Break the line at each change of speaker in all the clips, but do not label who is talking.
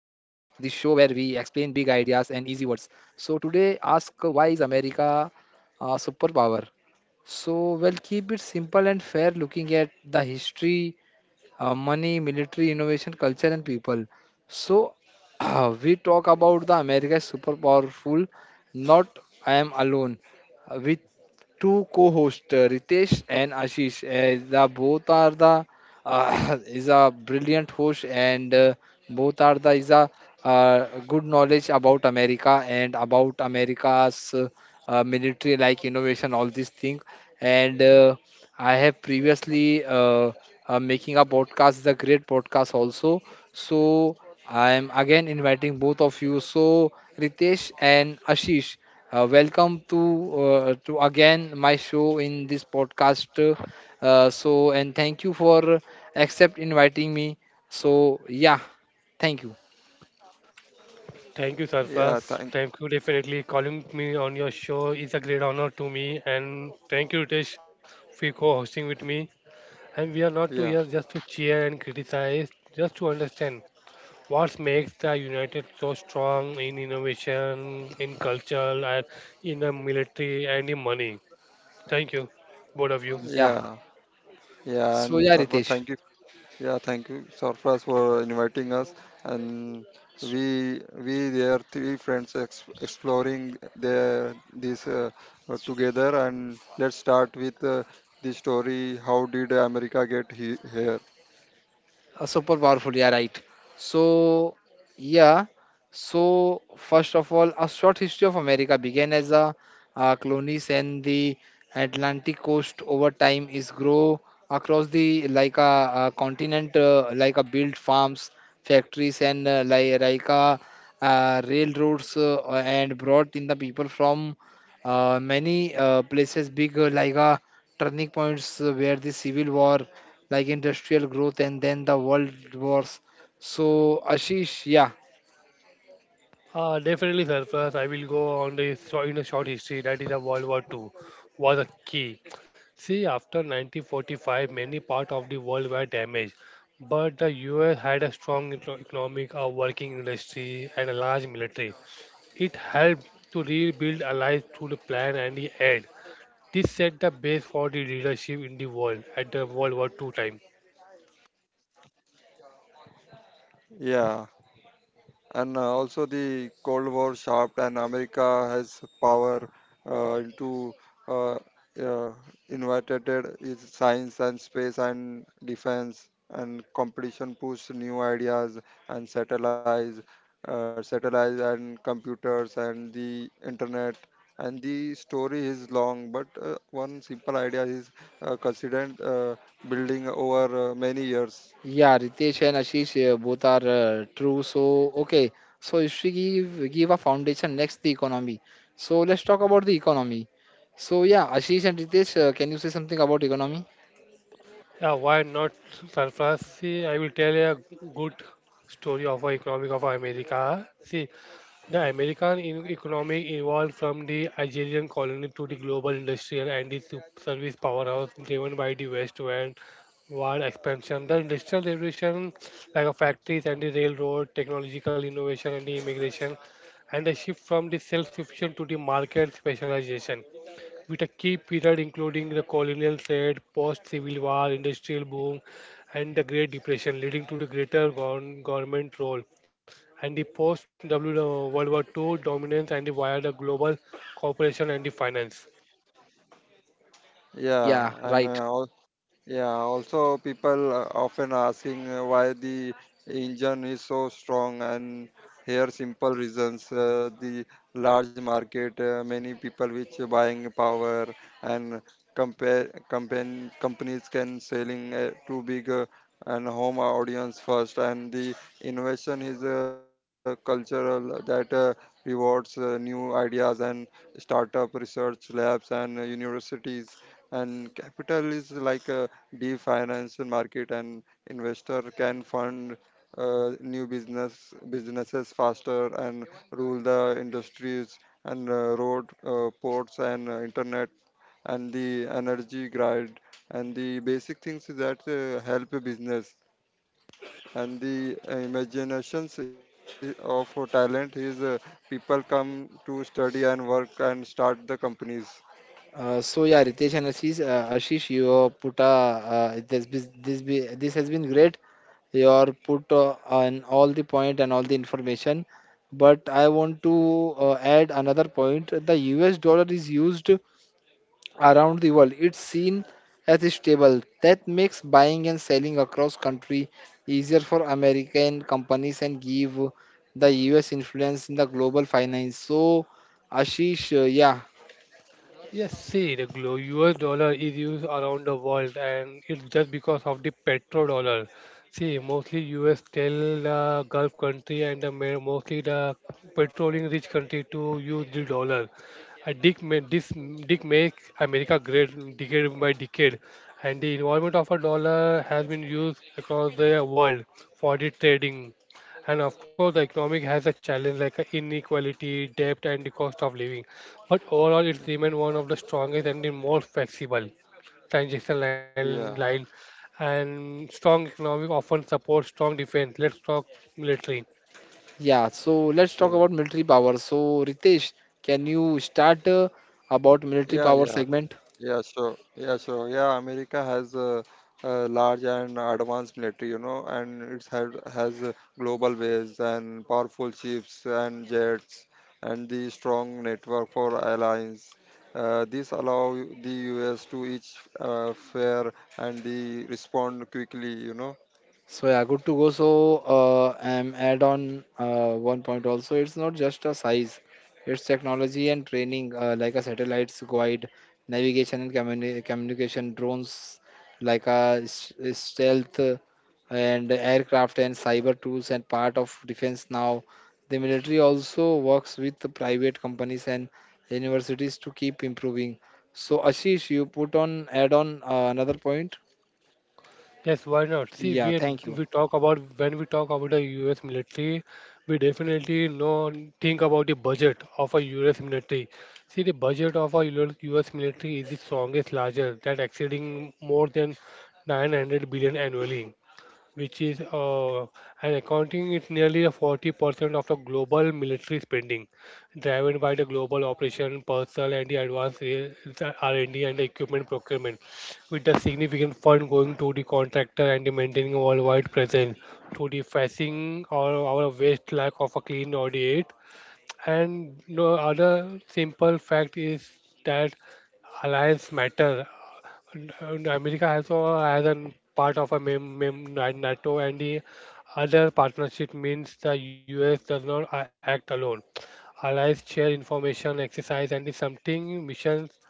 big ideas and easy words. So, today ask why is America a superpower? So, we'll keep it simple and fair looking at the history, money, military, innovation, culture, and people. So we talk about the America is super powerful. Not I am alone. With two co-hosts, Ritesh and Ashish. The both are the is a brilliant host, and both are the is a good knowledge about America and about America's military, like innovation, all these things. And I have previously. Making a podcast is a great podcast also. So I am again inviting both of you. So Ritesh and Ashish, welcome to again my show in this podcast. So and thank you for accept inviting me. So yeah, thank you.
Thank you, Sarfraz. Thank you, definitely. Calling me on your show is a great honor to me. And thank you, Ritesh, for co hosting with me. And we are not to here just to cheer and criticize, just to understand what makes the United so strong in innovation, in culture, and in the military, and in money. Thank you, both of you.
Yeah.
Yeah, yeah,
So
and
yeah,
Sarfraz,
Ritesh.
thank you. Yeah, thank you, Sarfraz, for inviting us. And we there three friends ex exploring the this together. And let's start with the story. How did America get he here?
Super powerful, yeah, right. So, yeah, so first of all, a short history of America began as a colonies and the Atlantic coast over time is grow across the continent, like a built farms, factories, and railroads and brought in the people from many places, big like turning points where the civil war like industrial growth and then the world wars. So Ashish, yeah.
Definitely, sir. First, I will go on the in a short history. That is, the World War II was a key. See, after 1945, many parts of the world were damaged, but the U.S. had a strong economic, a working industry, and a large military. It helped to rebuild allies through the plan and the aid. This set the base for the leadership in the world at the World War II time.
Yeah, and also the cold war sharp and america has power into uh, uh, invited is science and space and defense and competition push new ideas and satellites and computers and the internet. And the story is long, but one simple idea is considered building over many years.
Yeah, Ritesh and Ashish, both are true. So, okay, so if we give a foundation next the economy. So let's talk about the economy. So yeah, Ashish and Ritesh, can you say something about economy?
Yeah, why not surplus? See, I will tell a good story of our economic of America. See, the American economy evolved from the Algerian colony to the global industrial and the service powerhouse driven by the West and world expansion. The industrial revolution, like a factories and the railroad, technological innovation and the immigration, and the shift from the self-sufficient to the market specialization with a key period including the colonial trade, post-Civil War, industrial boom, and the Great Depression, leading to the greater government role. And the post-World War II dominance and the via the global cooperation and the finance.
yeah
Yeah,
and
right.
uh, Yeah, also people are often asking why the engine is so strong, and here simple reasons: the large market, many people which are buying power and compare compan companies can selling too big, and home audience first. And the innovation is cultural that rewards new ideas and startup research labs and universities. And capital is like, the financial market, and investor can fund new businesses faster and rule the industries. And road, ports, and internet and the energy grid and the basic things is that help a business. And the imaginations of a talent is, people come to study and work and start the companies.
So yeah, Ritesh and Ashish, Ashish, you put a this has been great. Your put on all the point and all the information, but I want to add another point. The U.S. dollar is used around the world. It's seen as stable. That makes buying and selling across country easier for American companies and give the U.S. influence in the global finance. So, Ashish, yeah.
Yes, see, the US dollar is used around the world and it's just because of the petrodollar. See, mostly US tell the Gulf country and mostly the petroleum rich country to use the dollar. I this dick make America great decade by decade, and the involvement of a dollar has been used across the world for the trading. And of course, the economic has a challenge like inequality, debt, and the cost of living. But overall, it remained one of the strongest and the most flexible transition
yeah
line and strong economic often supports strong defense. Let's talk military.
Yeah, so let's talk
yeah
about military power. So Ritesh, can you start about military
yeah
power
yeah
segment?
Yeah, sure. Yeah, sure. Yeah, America has a large and advanced military, you know, and it's had has a global base and powerful ships and jets and the strong network for alliance. This allow the U.S. to each fair and the respond quickly, you know.
So yeah, good to go. So add on one point also. It's not just a size; it's technology and training, like a satellites, guide, navigation and communication, drones, stealth. And aircraft and cyber tools and part of defense now. The military also works with the private companies and universities to keep improving. So, Ashish, you put on add on another point.
Yes, why not? See, we
Yeah, thank you.
we talk about when we talk about the U.S. military, we definitely know think about the budget of a U.S. military. See, the budget of a U.S. military is the strongest, larger that exceeding more than 900 billion annually, which is and accounting is nearly the 40% of the global military spending, driven by the global operation, personnel, and the advanced the R&D and D and the equipment procurement, with the significant fund going to the contractor and the maintaining a worldwide presence to the facing or our waste lack of a clean audit. And no other simple fact is that alliance matter and America also has a part of a NATO and the other partnership means the US does not act alone. Allies share information, exercise, and the something missions.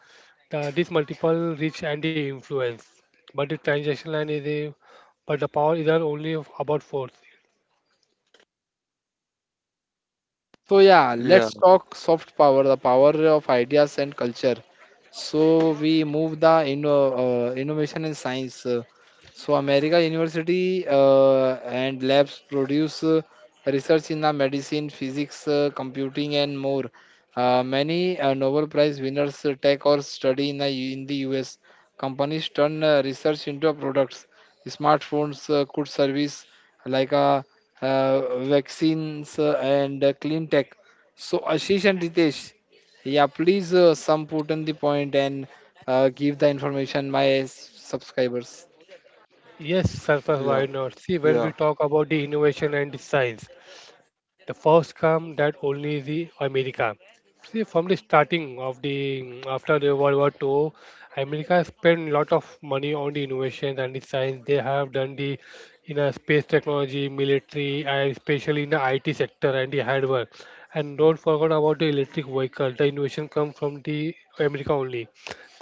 This multiple reach and the influence. But the transaction line is a but the power isn't only about force.
So yeah,
Yeah,
let's talk soft power, the power of ideas and culture. So we move the innovation and science. So America University and labs produce research in the medicine, physics, computing, and more. Many Nobel Prize winners take or study in the U.S. Companies turn research into products. Smartphones could service like a vaccines and clean tech. So Ashish and Ritesh, yeah, please, some put on the point and give the information my subscribers.
yeah,
Yes, surface,
yeah.
why not? See, when we talk about the innovation and the science, the first come that only the America. See, from the starting of the after the World War II, America spent a lot of money on the innovations and the science. They have done the in a space technology, military, and especially in the IT sector and the hardware. And don't forget about the electric vehicle. The innovation come from the America only.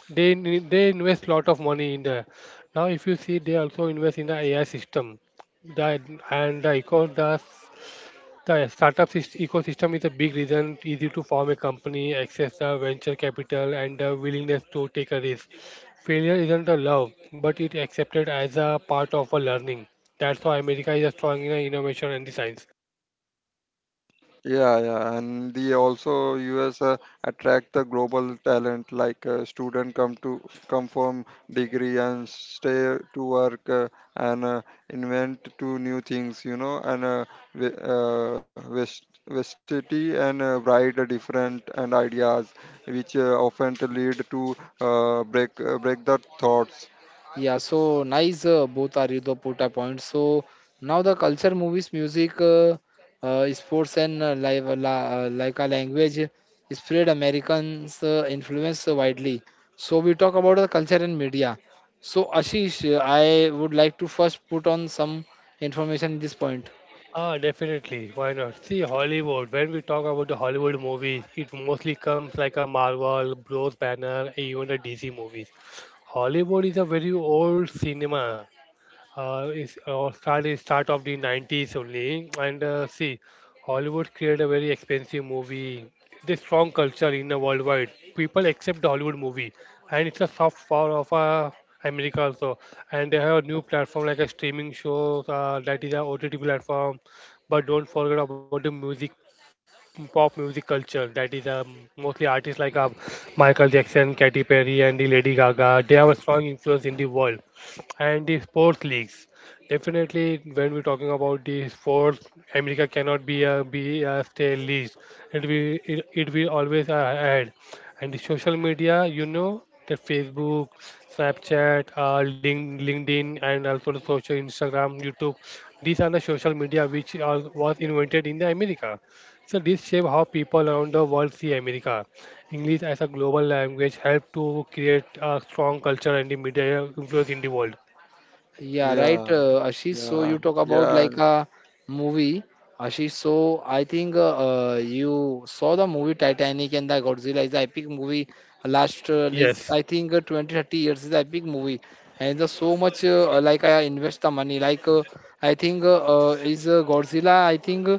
They invest lot of money in the. Now, if you see, they also invest in the AI system. That and the eco does the startup syst- ecosystem is a big reason easy to form a company, access the venture capital, and the willingness to take a risk. Failure isn't a love, but it accepted as a part of a learning. That's why America is strong in the innovation and the science.
Yeah, yeah, and the also U.S. Attract the global talent, like student come to come from degree and stay to work, and invent to new things, you know, and vastity and write a different and ideas, which often to lead to break the thoughts.
Yeah, so nice. Both are you the put a point. So now the culture, movies, music, sports, and like a language spread Americans' influence widely. So we talk about the culture and media. So Ashish, I would like to first put on some information in this point.
Ah, definitely. Why not? See, Hollywood. When we talk about the Hollywood movies, it mostly comes like a Marvel, Bros Banner, even the DC movies. Hollywood is a very old cinema. Is Started start of the 90s only, and see, Hollywood created a very expensive movie. This strong culture in the worldwide people accept the Hollywood movie, and it's a soft power of America also. And they have a new platform like a streaming show, that is a OTT platform. But don't forget about the music, pop music culture. That is, mostly artists like Michael Jackson, Katy Perry, and the Lady Gaga. They have a strong influence in the world, and the sports leagues. Definitely, when we're talking about the sports, America cannot be a stay least. It will always add. And the social media, you know, the Facebook, Snapchat, LinkedIn, and also the social Instagram, YouTube. These are the social media which was invented in the America. So this shape how people around the world see America. English as a global language helped to create a strong culture and the media influence in the world.
Yeah, right,
Yeah,
Ashish. So you
yeah,
talk about like
yeah,
a movie, Ashish. So I think you saw the movie Titanic and the Godzilla is the epic movie. Last is
Yes,
I think 20 30 years is the epic movie, and the so much like I invest the money. Like I think is Godzilla. I think uh,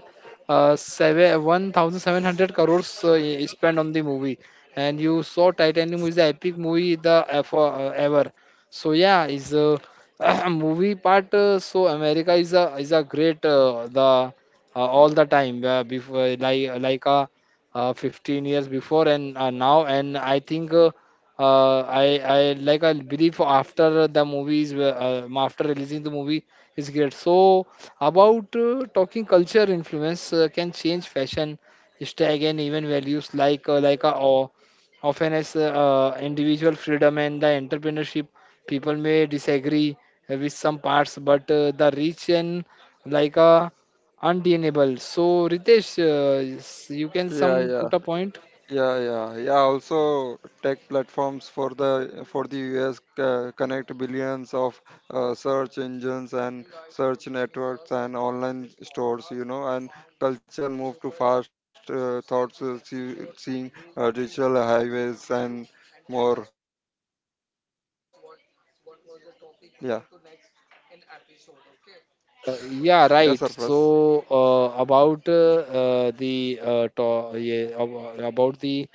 uh, 7 1,700 crores is spent on the movie, and you saw Titanic is the epic movie the ever. Ever. So yeah, is. Movie part, so america is a great the all the time before 15 years before and now and I think I like I believe after the movies were, after releasing the movie is great. So about, talking culture influence can change fashion style and even values or often as individual freedom and the entrepreneurship. People may disagree with some parts, but the rich and like uh, undeniable. So Ritesh, you can
yeah,
some
yeah.
put a point.
Yeah, yeah, yeah. Also, tech platforms for the U.S. Connect billions of search engines and search networks and online stores. You know, and culture move to fast see, seeing digital highways and more. Yeah.
Yeah, right. Yeah, about the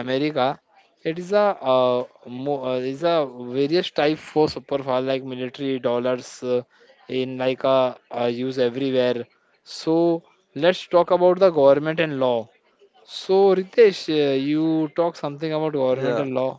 America, it is a mo is a various type for superpower like military dollars in like a use everywhere. So let's talk about the government and law. So, Ritesh, you talk something about governmental law.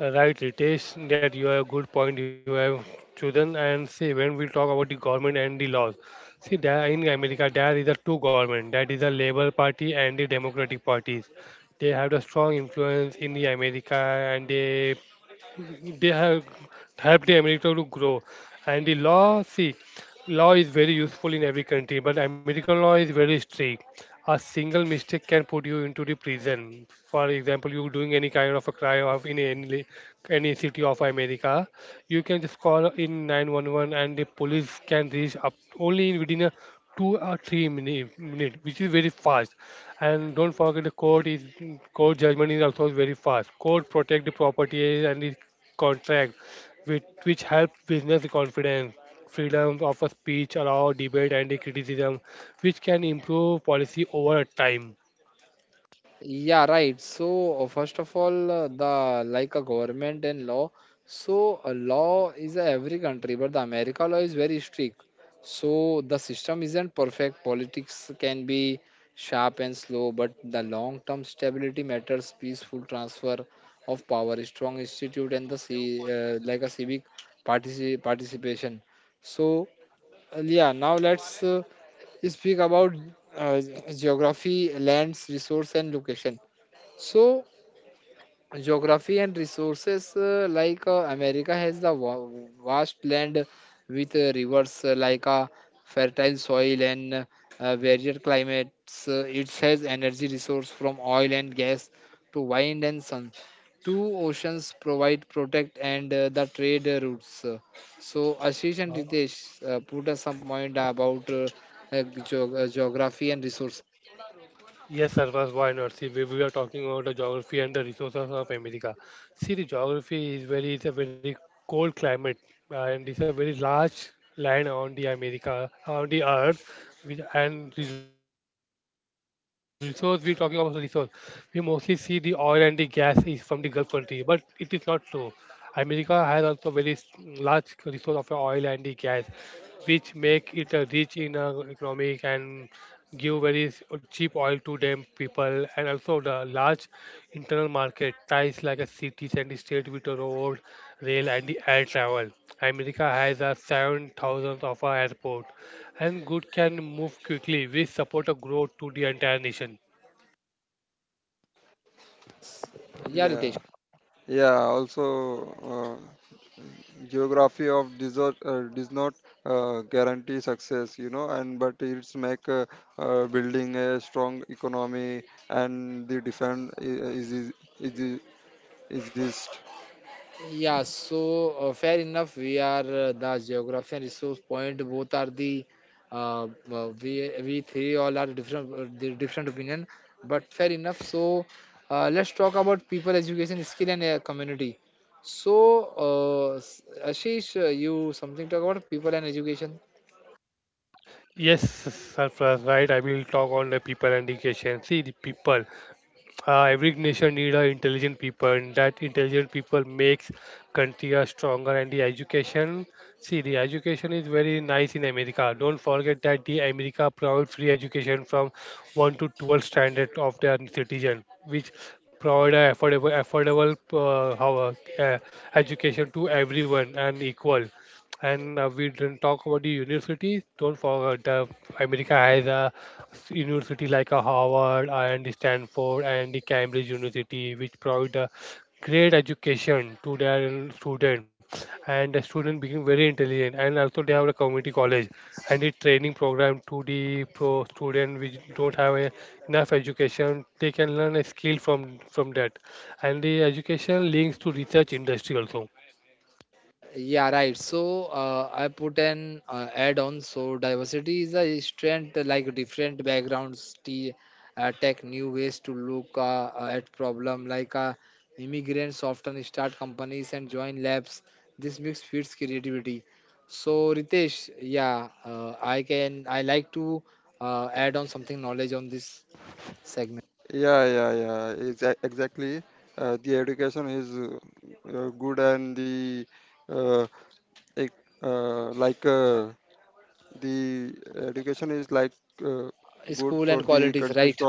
right, Ritesh, that you have a good point you have chosen. And see, when we talk about the government and the laws, see, there in America, there is a two government, that is the Labour Party and the Democratic parties. They have the strong influence in the America, and they have helped the America to grow. And the law, see, law is very useful in every country, but American law is very strict. A single mistake can put you into the prison. For example, you doing any kind of a crime of in any city of America, you can just call in 911, and the police can reach up only within a two or three minute, which is very fast. And don't forget the court is court judgment is also very fast. Court protect the property and the contract, which help business confidence, freedom of a speech, allow debate and the criticism, which can improve policy over time.
Yeah, right. So, first of all, the like a government and law. So, a law is a every country, but the America law is very strict. So, the system isn't perfect. Politics can be sharp and slow, but the long-term stability matters. Peaceful transfer of power, a strong institute, and the like a civic participation. So, yeah. Now let's. Speak about uh, geography, lands, resource, and location. So geography and resources america has the vast land with rivers fertile soil and varied climates. It has energy resource from oil and gas to wind and sun. Two oceans provide protect and the trade routes. So ashish and ritesh, put us some point about uh, geography and resources.
Yes, Sarfaz, why not? See, we are talking about the geography and the resources of America. See, the geography is it's a very cold climate and it's a very large land on the America, on the earth. And the resource, we're talking about the resource. We mostly see the oil and the gas is from the Gulf country, but it is not true. America has also very large resource of oil and the gas, which make it rich in economic and give very cheap oil to them people, and also the large internal market ties like a cities and state with a road, rail, and the air travel. America has a 7,000 of our airport, and good can move quickly. We support a growth to the entire nation.
Yeah ritesh. Yeah, so fair enough. We are the geography and resource point. Both are the uh, we we three all are different the different opinion, but fair enough. So let's talk about people, education, skill, and community. So Ashish, you something talk about people and education?
Yes, sir, right, I will talk on the people and the education. See, the people, every nation need a intelligent people, and that intelligent people makes country a stronger. And the education, see, the education is very nice in America. Don't forget that the America provide free education from 1 to 12 standard of their citizen, which provide a affordable, uh, how, uh, education to everyone and equal. And we didn't talk about the universities. Don't forget, America has a university like a Harvard and the Stanford and the Cambridge University, which provide a great education to their student, and the student become very intelligent. And also they have a community college and the training program to the pro student which don't have a enough education. They can learn a skill from that, and the education links to research industry also.
Yeah, right. So I put an add on. So diversity is a strength, like different backgrounds, tech new ways to look at problem. Like immigrants often start companies and join labs. This mix feeds creativity. So Ritesh, yeah, I can I like to add on something knowledge on this segment. School and qualities, right?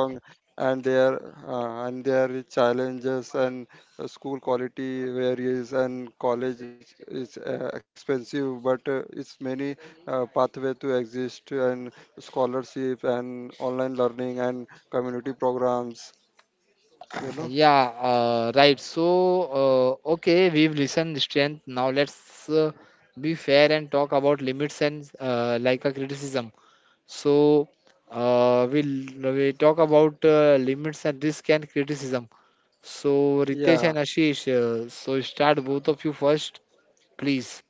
Yeah, right. So, okay, we've listened strength. Now let's be fair and talk about limits and like a criticism. So, we'll we talk about limits and risk and criticism. So, Ritesh and Ashish, so start both of you first, please.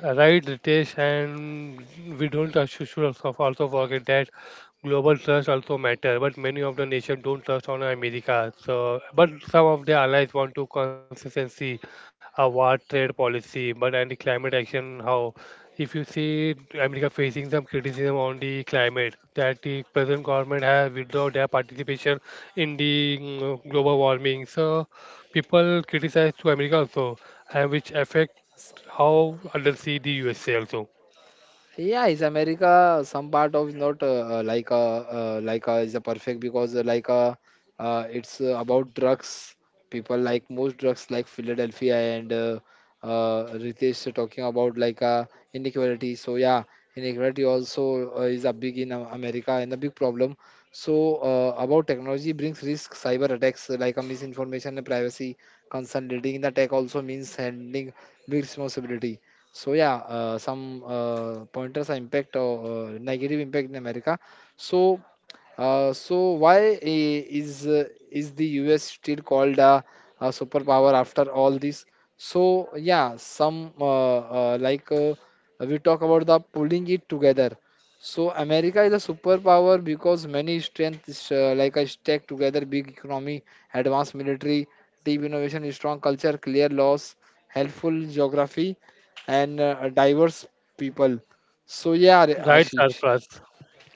Right, Ritesh, and we don't also should also forget that global trust also matter. But many of the nations don't trust on America. So, but some of their allies want to consistency, a war trade policy, but and the climate action. How, if you see America facing some criticism on the climate, that the present government has withdrawn their participation in the global warming. So, people criticize to America also, and which affect how others see the USA also.
Yeah, is America some part of not like a is a perfect because like a it's about drugs. People like most drugs like Philadelphia and Ritesh talking about like inequality. So yeah, inequality also is a big in America and a big problem. So about technology brings risk, cyber attacks, like a misinformation and privacy concern. Leading in the tech also means handling big responsibility. So yeah, some pointers are impact or negative impact in America. So So why is the US still called a superpower after all this? So yeah, some we talk about the pulling it together. So America is a superpower because many strengths like a stack together, big economy, advanced military, deep innovation, strong culture, clear laws, helpful geography and diverse people. So yeah,
Right,
Ashish.
Sarfraz.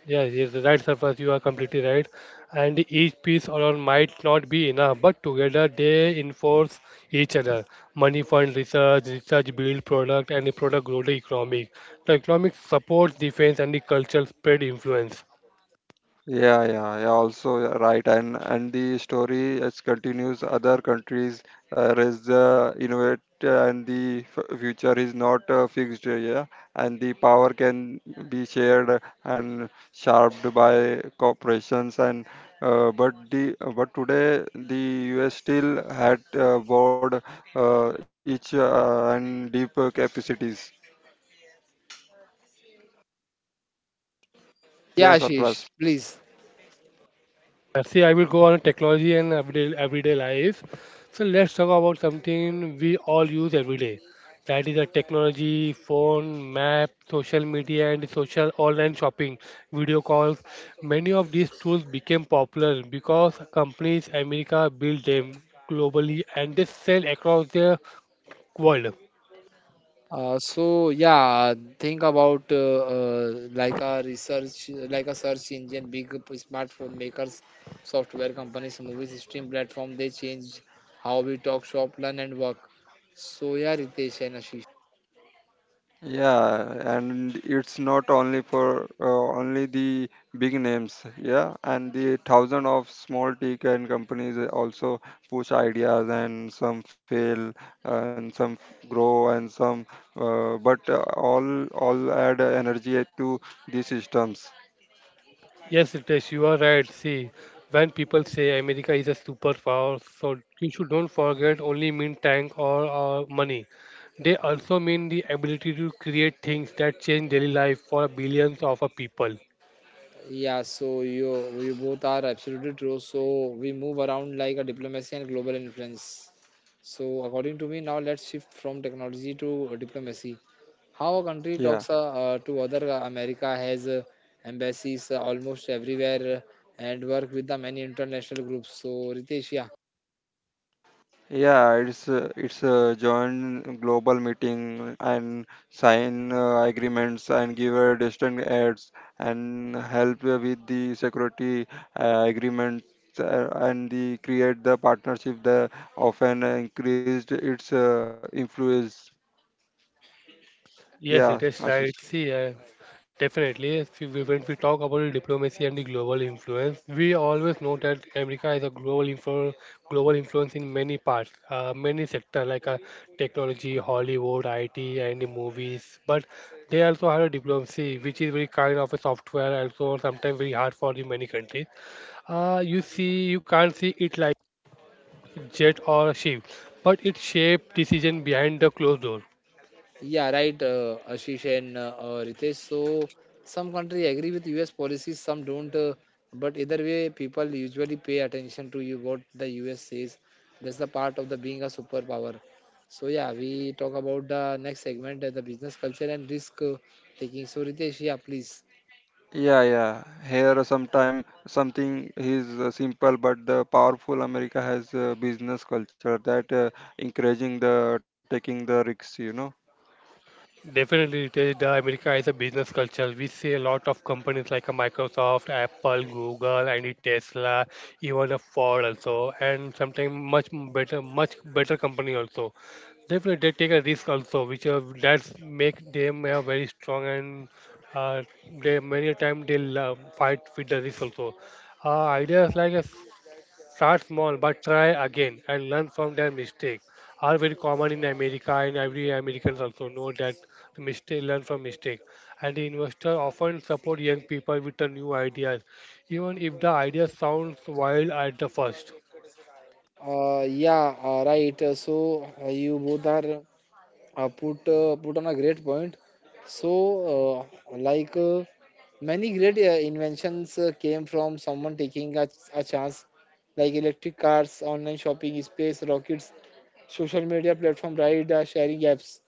Yes, yes, Sarfraz. You are completely right. And each piece alone might not be enough, but together they enforce each other. Money fund research, research build product, and the product grow the economic. The economic supports defense and the cultural spread influence.
Yeah, Ashish, please.
See, I will go on technology and everyday life. So let's talk about something we all use every day. That is a technology, phone, map, social media, and social online shopping, video calls. Many of these tools became popular because companies America built them globally, and they sell across the world.
So yeah, think about like a research, like a search engine, smartphone makers, software companies, movies, stream platform. They change how we talk, shop, learn, and work. So yeah, Ritesh and Ashish.
Yes, Ritesh, you are right. See, when people say America is a superpower, so you should don't forget only mean tank or money. They also mean the ability to create things that change daily life for billions of a people.
Yeah, so you both are absolutely true. So we move around like a diplomacy and global influence. So according to me, now let's shift from technology to diplomacy. How a country talks to other. America has embassies almost everywhere and work with the many international groups. So Ritesh, yeah.
Yes, it is right. See, definitely, if we, when we talk about the diplomacy and the global influence, we always know that America is a global influence in many parts, many sectors like technology, Hollywood, IT, and the movies. But they also have a diplomacy, which is very kind of a software, also sometimes very hard for the many countries. You see, you can't see it like jet or ship, but it shaped decision behind the closed door.
Yeah, right, Ashish and Ritesh. So some country agree with US policies, some don't. But either way, people usually pay attention to you what the US says. That's the part of the being a superpower. So yeah, we talk about the next segment, the business culture and risk taking. So Ritesh, yeah, please.
Definitely, it is. The America is a business culture. We see a lot of companies like a Microsoft, Apple, Google, and a Tesla, even a Ford also, and sometimes better, much better company also. Definitely, they take a risk also, which that's make them very strong and uh, they many a time they love, fight with the risk also. Ideas like a start small but try again and learn from their mistakes. Are very common in America and every Americans also know that the mistake learn from mistake. And the investor often support young people with the new ideas, even if the idea sounds wild at the first.
Yeah, right. You both are put on a great point. So, many great inventions came from someone taking a chance, like electric cars, online shopping, space rockets, social media platform, ride sharing apps.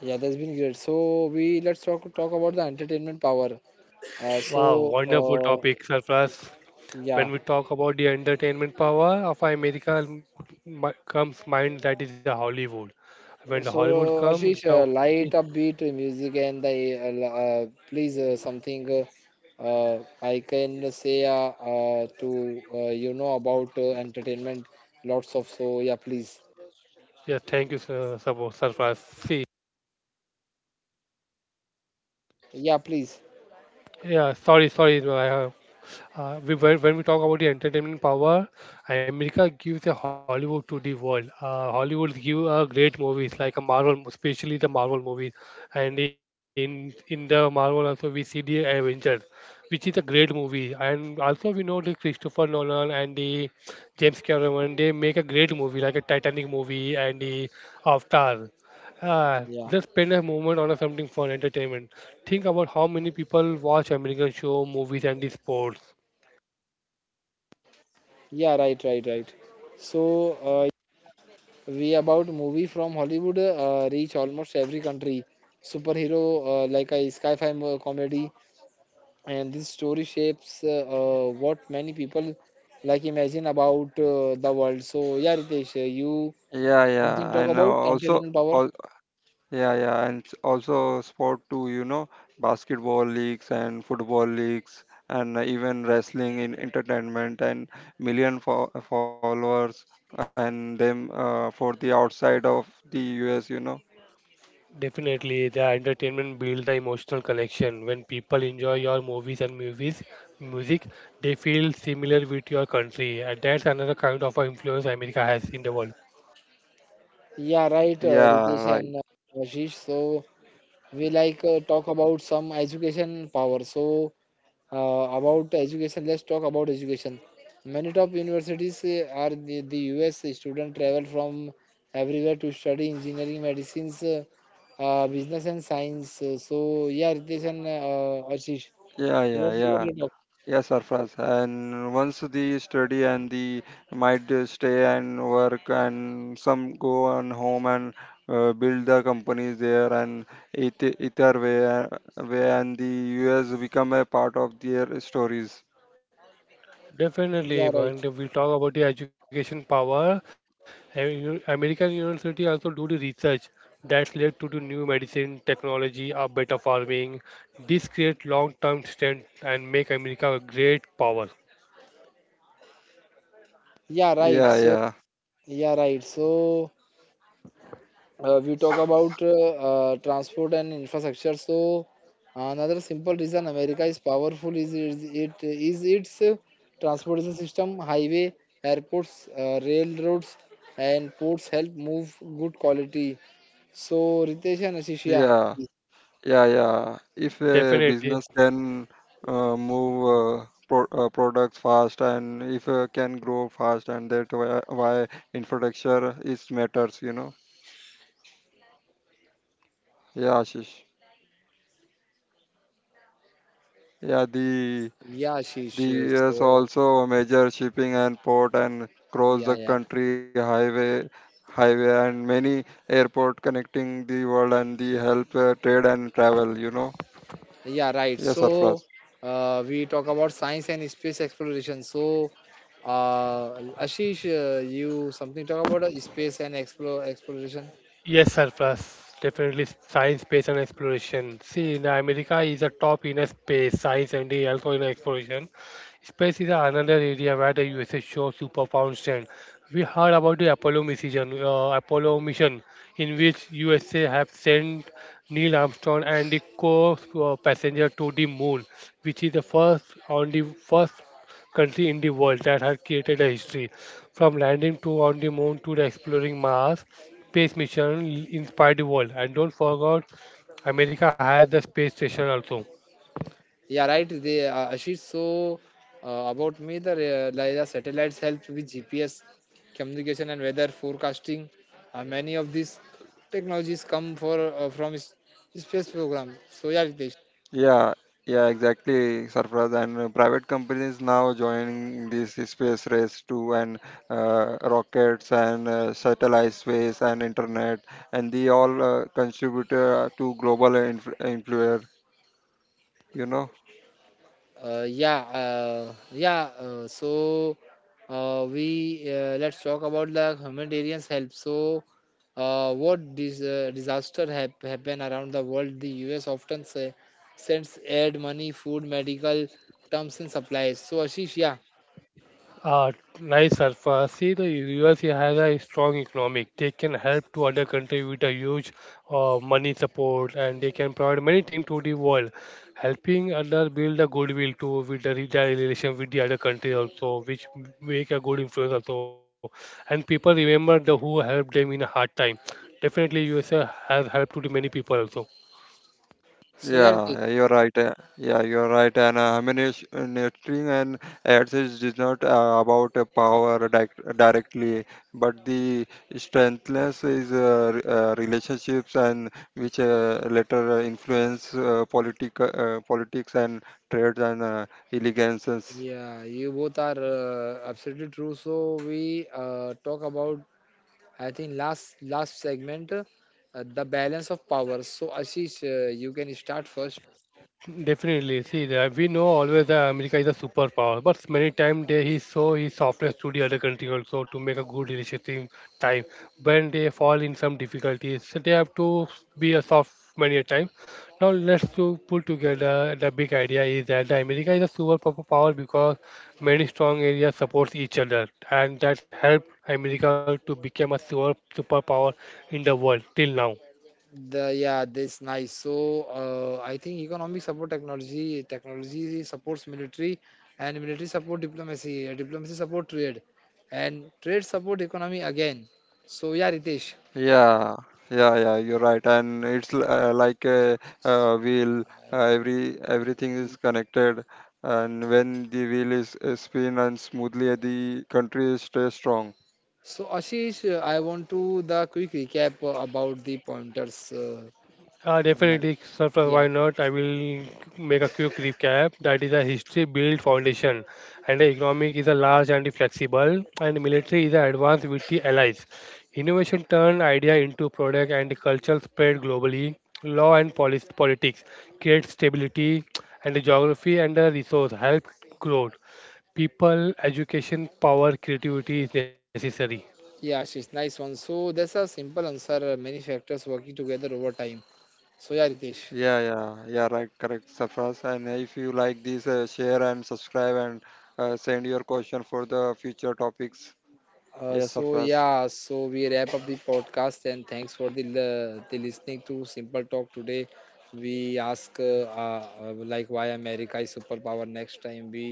Yeah, that's been great. So we let's talk about the entertainment power. Uh,
Wow,
so
wonderful
uh,
topic, Surplus.
yeah,
When we talk about the entertainment power of America, comes mind that is a Hollywood. When the Hollywood
so,
come,
Ashish,
the
light upbeat music and the please something I can say to you know about entertainment lots of so yeah please
yes, thank you, sir, Surplus. See.
yeah please
Yeah, sorry I we, when we talk about the entertainment power, America gives a Hollywood to the world. Hollywood give great movies like a Marvel, especially the Marvel movies, and in the Marvel also we see the Avengers, which is a great movie. And also we know the Christopher Nolan and the James Cameron they make a great movie like a Titanic movie and the Avatar. Ah,
yeah
just spend a moment on a something for entertainment. Think about how many people watch American show, movies, and the sports.
yeah right, right, right. So uh, we about movie from Hollywood reach almost every country. Superhero like a sci-fi comedy and this story shapes what many people like imagine about the world. So yeah, Ritesh, you something talk about entertainment power.
Definitely, the entertainment builds the emotional connection. When people enjoy your movies and movies, music, they feel similar with your country, and that's another kind of influence America has in the world.
Yeah, right. Ritesh and Ashish, so we like talk about some education power. So about education, let's talk about education. Many top universities are the US students travel from everywhere to study engineering, medicines, business, and science. So yeah, Ritesh and Ashish, what's about your topic?
Definitely,
Yeah,
when
right.
we talk about the education power, I mean, American university also do the research that's led to the new medicine, technology, or better farming. This create long-term strength and make America a great power.
Yeah right so yeah right so uh, we talk about transport and infrastructure. So another simple reason America is powerful is- it is its transportation system, highway, airports, railroads, and ports help move good quality. So, Ritesh and Ashish, yeah.
Definitely.
Yeah, Ashish, yeah yeah yeah, right. So we talk about science and space exploration. So uh, Ashish, you something talk about space and explore exploration.
Yes, Surplus. Definitely science, space, and exploration. See, in America is a top in a space, science, and the also in exploration. Space is another area where the USA shows superpower strength. We heard about the Apollo mission, in which USA have sent Neil Armstrong and the co-passenger to the moon, which is the first on the first country in the world that had created a history from landing to on the moon to the exploring Mars. Space mission inspired the world. And don't forget, America has the space station also.
Yeah, right. They Ashish. So about me, the like the satellites help with GPS communication and weather forecasting. Many of these technologies come for from space program. So yeah, Ritesh. Yeah, yeah. So we let's talk about the humanitarian help. So, what this disaster happen around the world? The U.S. often say, sends aid, money, food, medical terms, and supplies. So, Ashish, yeah.
Uh, Nice surface. See, the USA has a strong economic. They can help to other country with a huge money support, and they can provide many things to the world, helping other build a goodwill too with the relation with the other countries also, which make a good influence also. And people remember the who helped them in a hard time. Definitely, USA has helped to the many people also.
So, yeah, Ritesh. Yeah, you both are absolutely true. So, we talk about, I think, last segment, the balance of power. So, Ashish, you can start first.
Definitely. See, that we know always that America is a superpower, but many times they he show his softness to the other country also to make a good relationship time. When they fall in some difficulties, so they have to be a soft many a time. Now let's to put together the big idea is that the America is a superpower because many strong areas supports each other, and that helped America to become a superpower in the world till now.
The yeah, this nice. So I think economic support technology, supports military, and military support diplomacy, diplomacy support trade, and trade support economy again. So yeah, Ritesh. So Ashish, I want to the quick recap about the pointers. Like,
Definitely, Sarfraz,
yeah,
why not? I will make a quick recap. That is a history built foundation, and the economic is a large and flexible, and military is a advanced with the allies. Innovation turned idea into product, and culture spread globally. Law and policy, politics create stability, and the geography and the resource help growth. People, education, power, creativity is necessary.
yeah, Ashish, nice one. So that's a simple answer. Many factors working together over time. So yeah, Ritesh. So yeah, so we wrap up the podcast and thanks for the the listening to Simple Talk today. We ask like why America is superpower. Next time we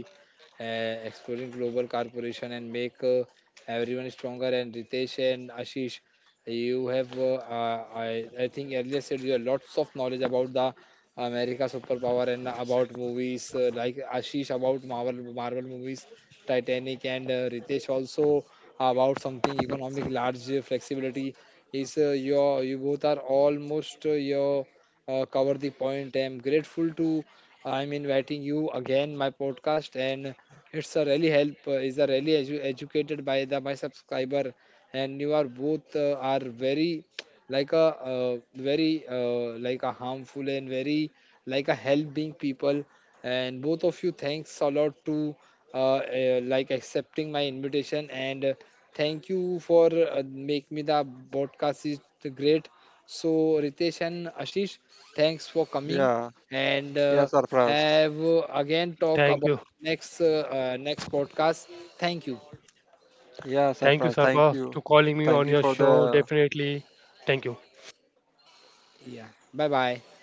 exploring global corporation and make everyone stronger. And Ritesh and Ashish, you have I think earlier said you have lots of knowledge about the America superpower and about movies like Ashish about Marvel movies, Titanic and Ritesh also about something economic large flexibility is you both are almost your cover the point. I'm grateful to, I'm inviting you again my podcast and it's a really help, is a really educated by the my subscriber and you are both are like a very like a harmful and very like a helping people, and both of you thanks a lot to like accepting my invitation and thank you for make me the podcast is great. So Ritesh and Ashish, thanks for coming and have again talk
Thank
about
you.
next next podcast. Thank you.
Thank you, Sarfraz, to calling me on your show. Definitely. Thank you.
Yeah. Bye bye.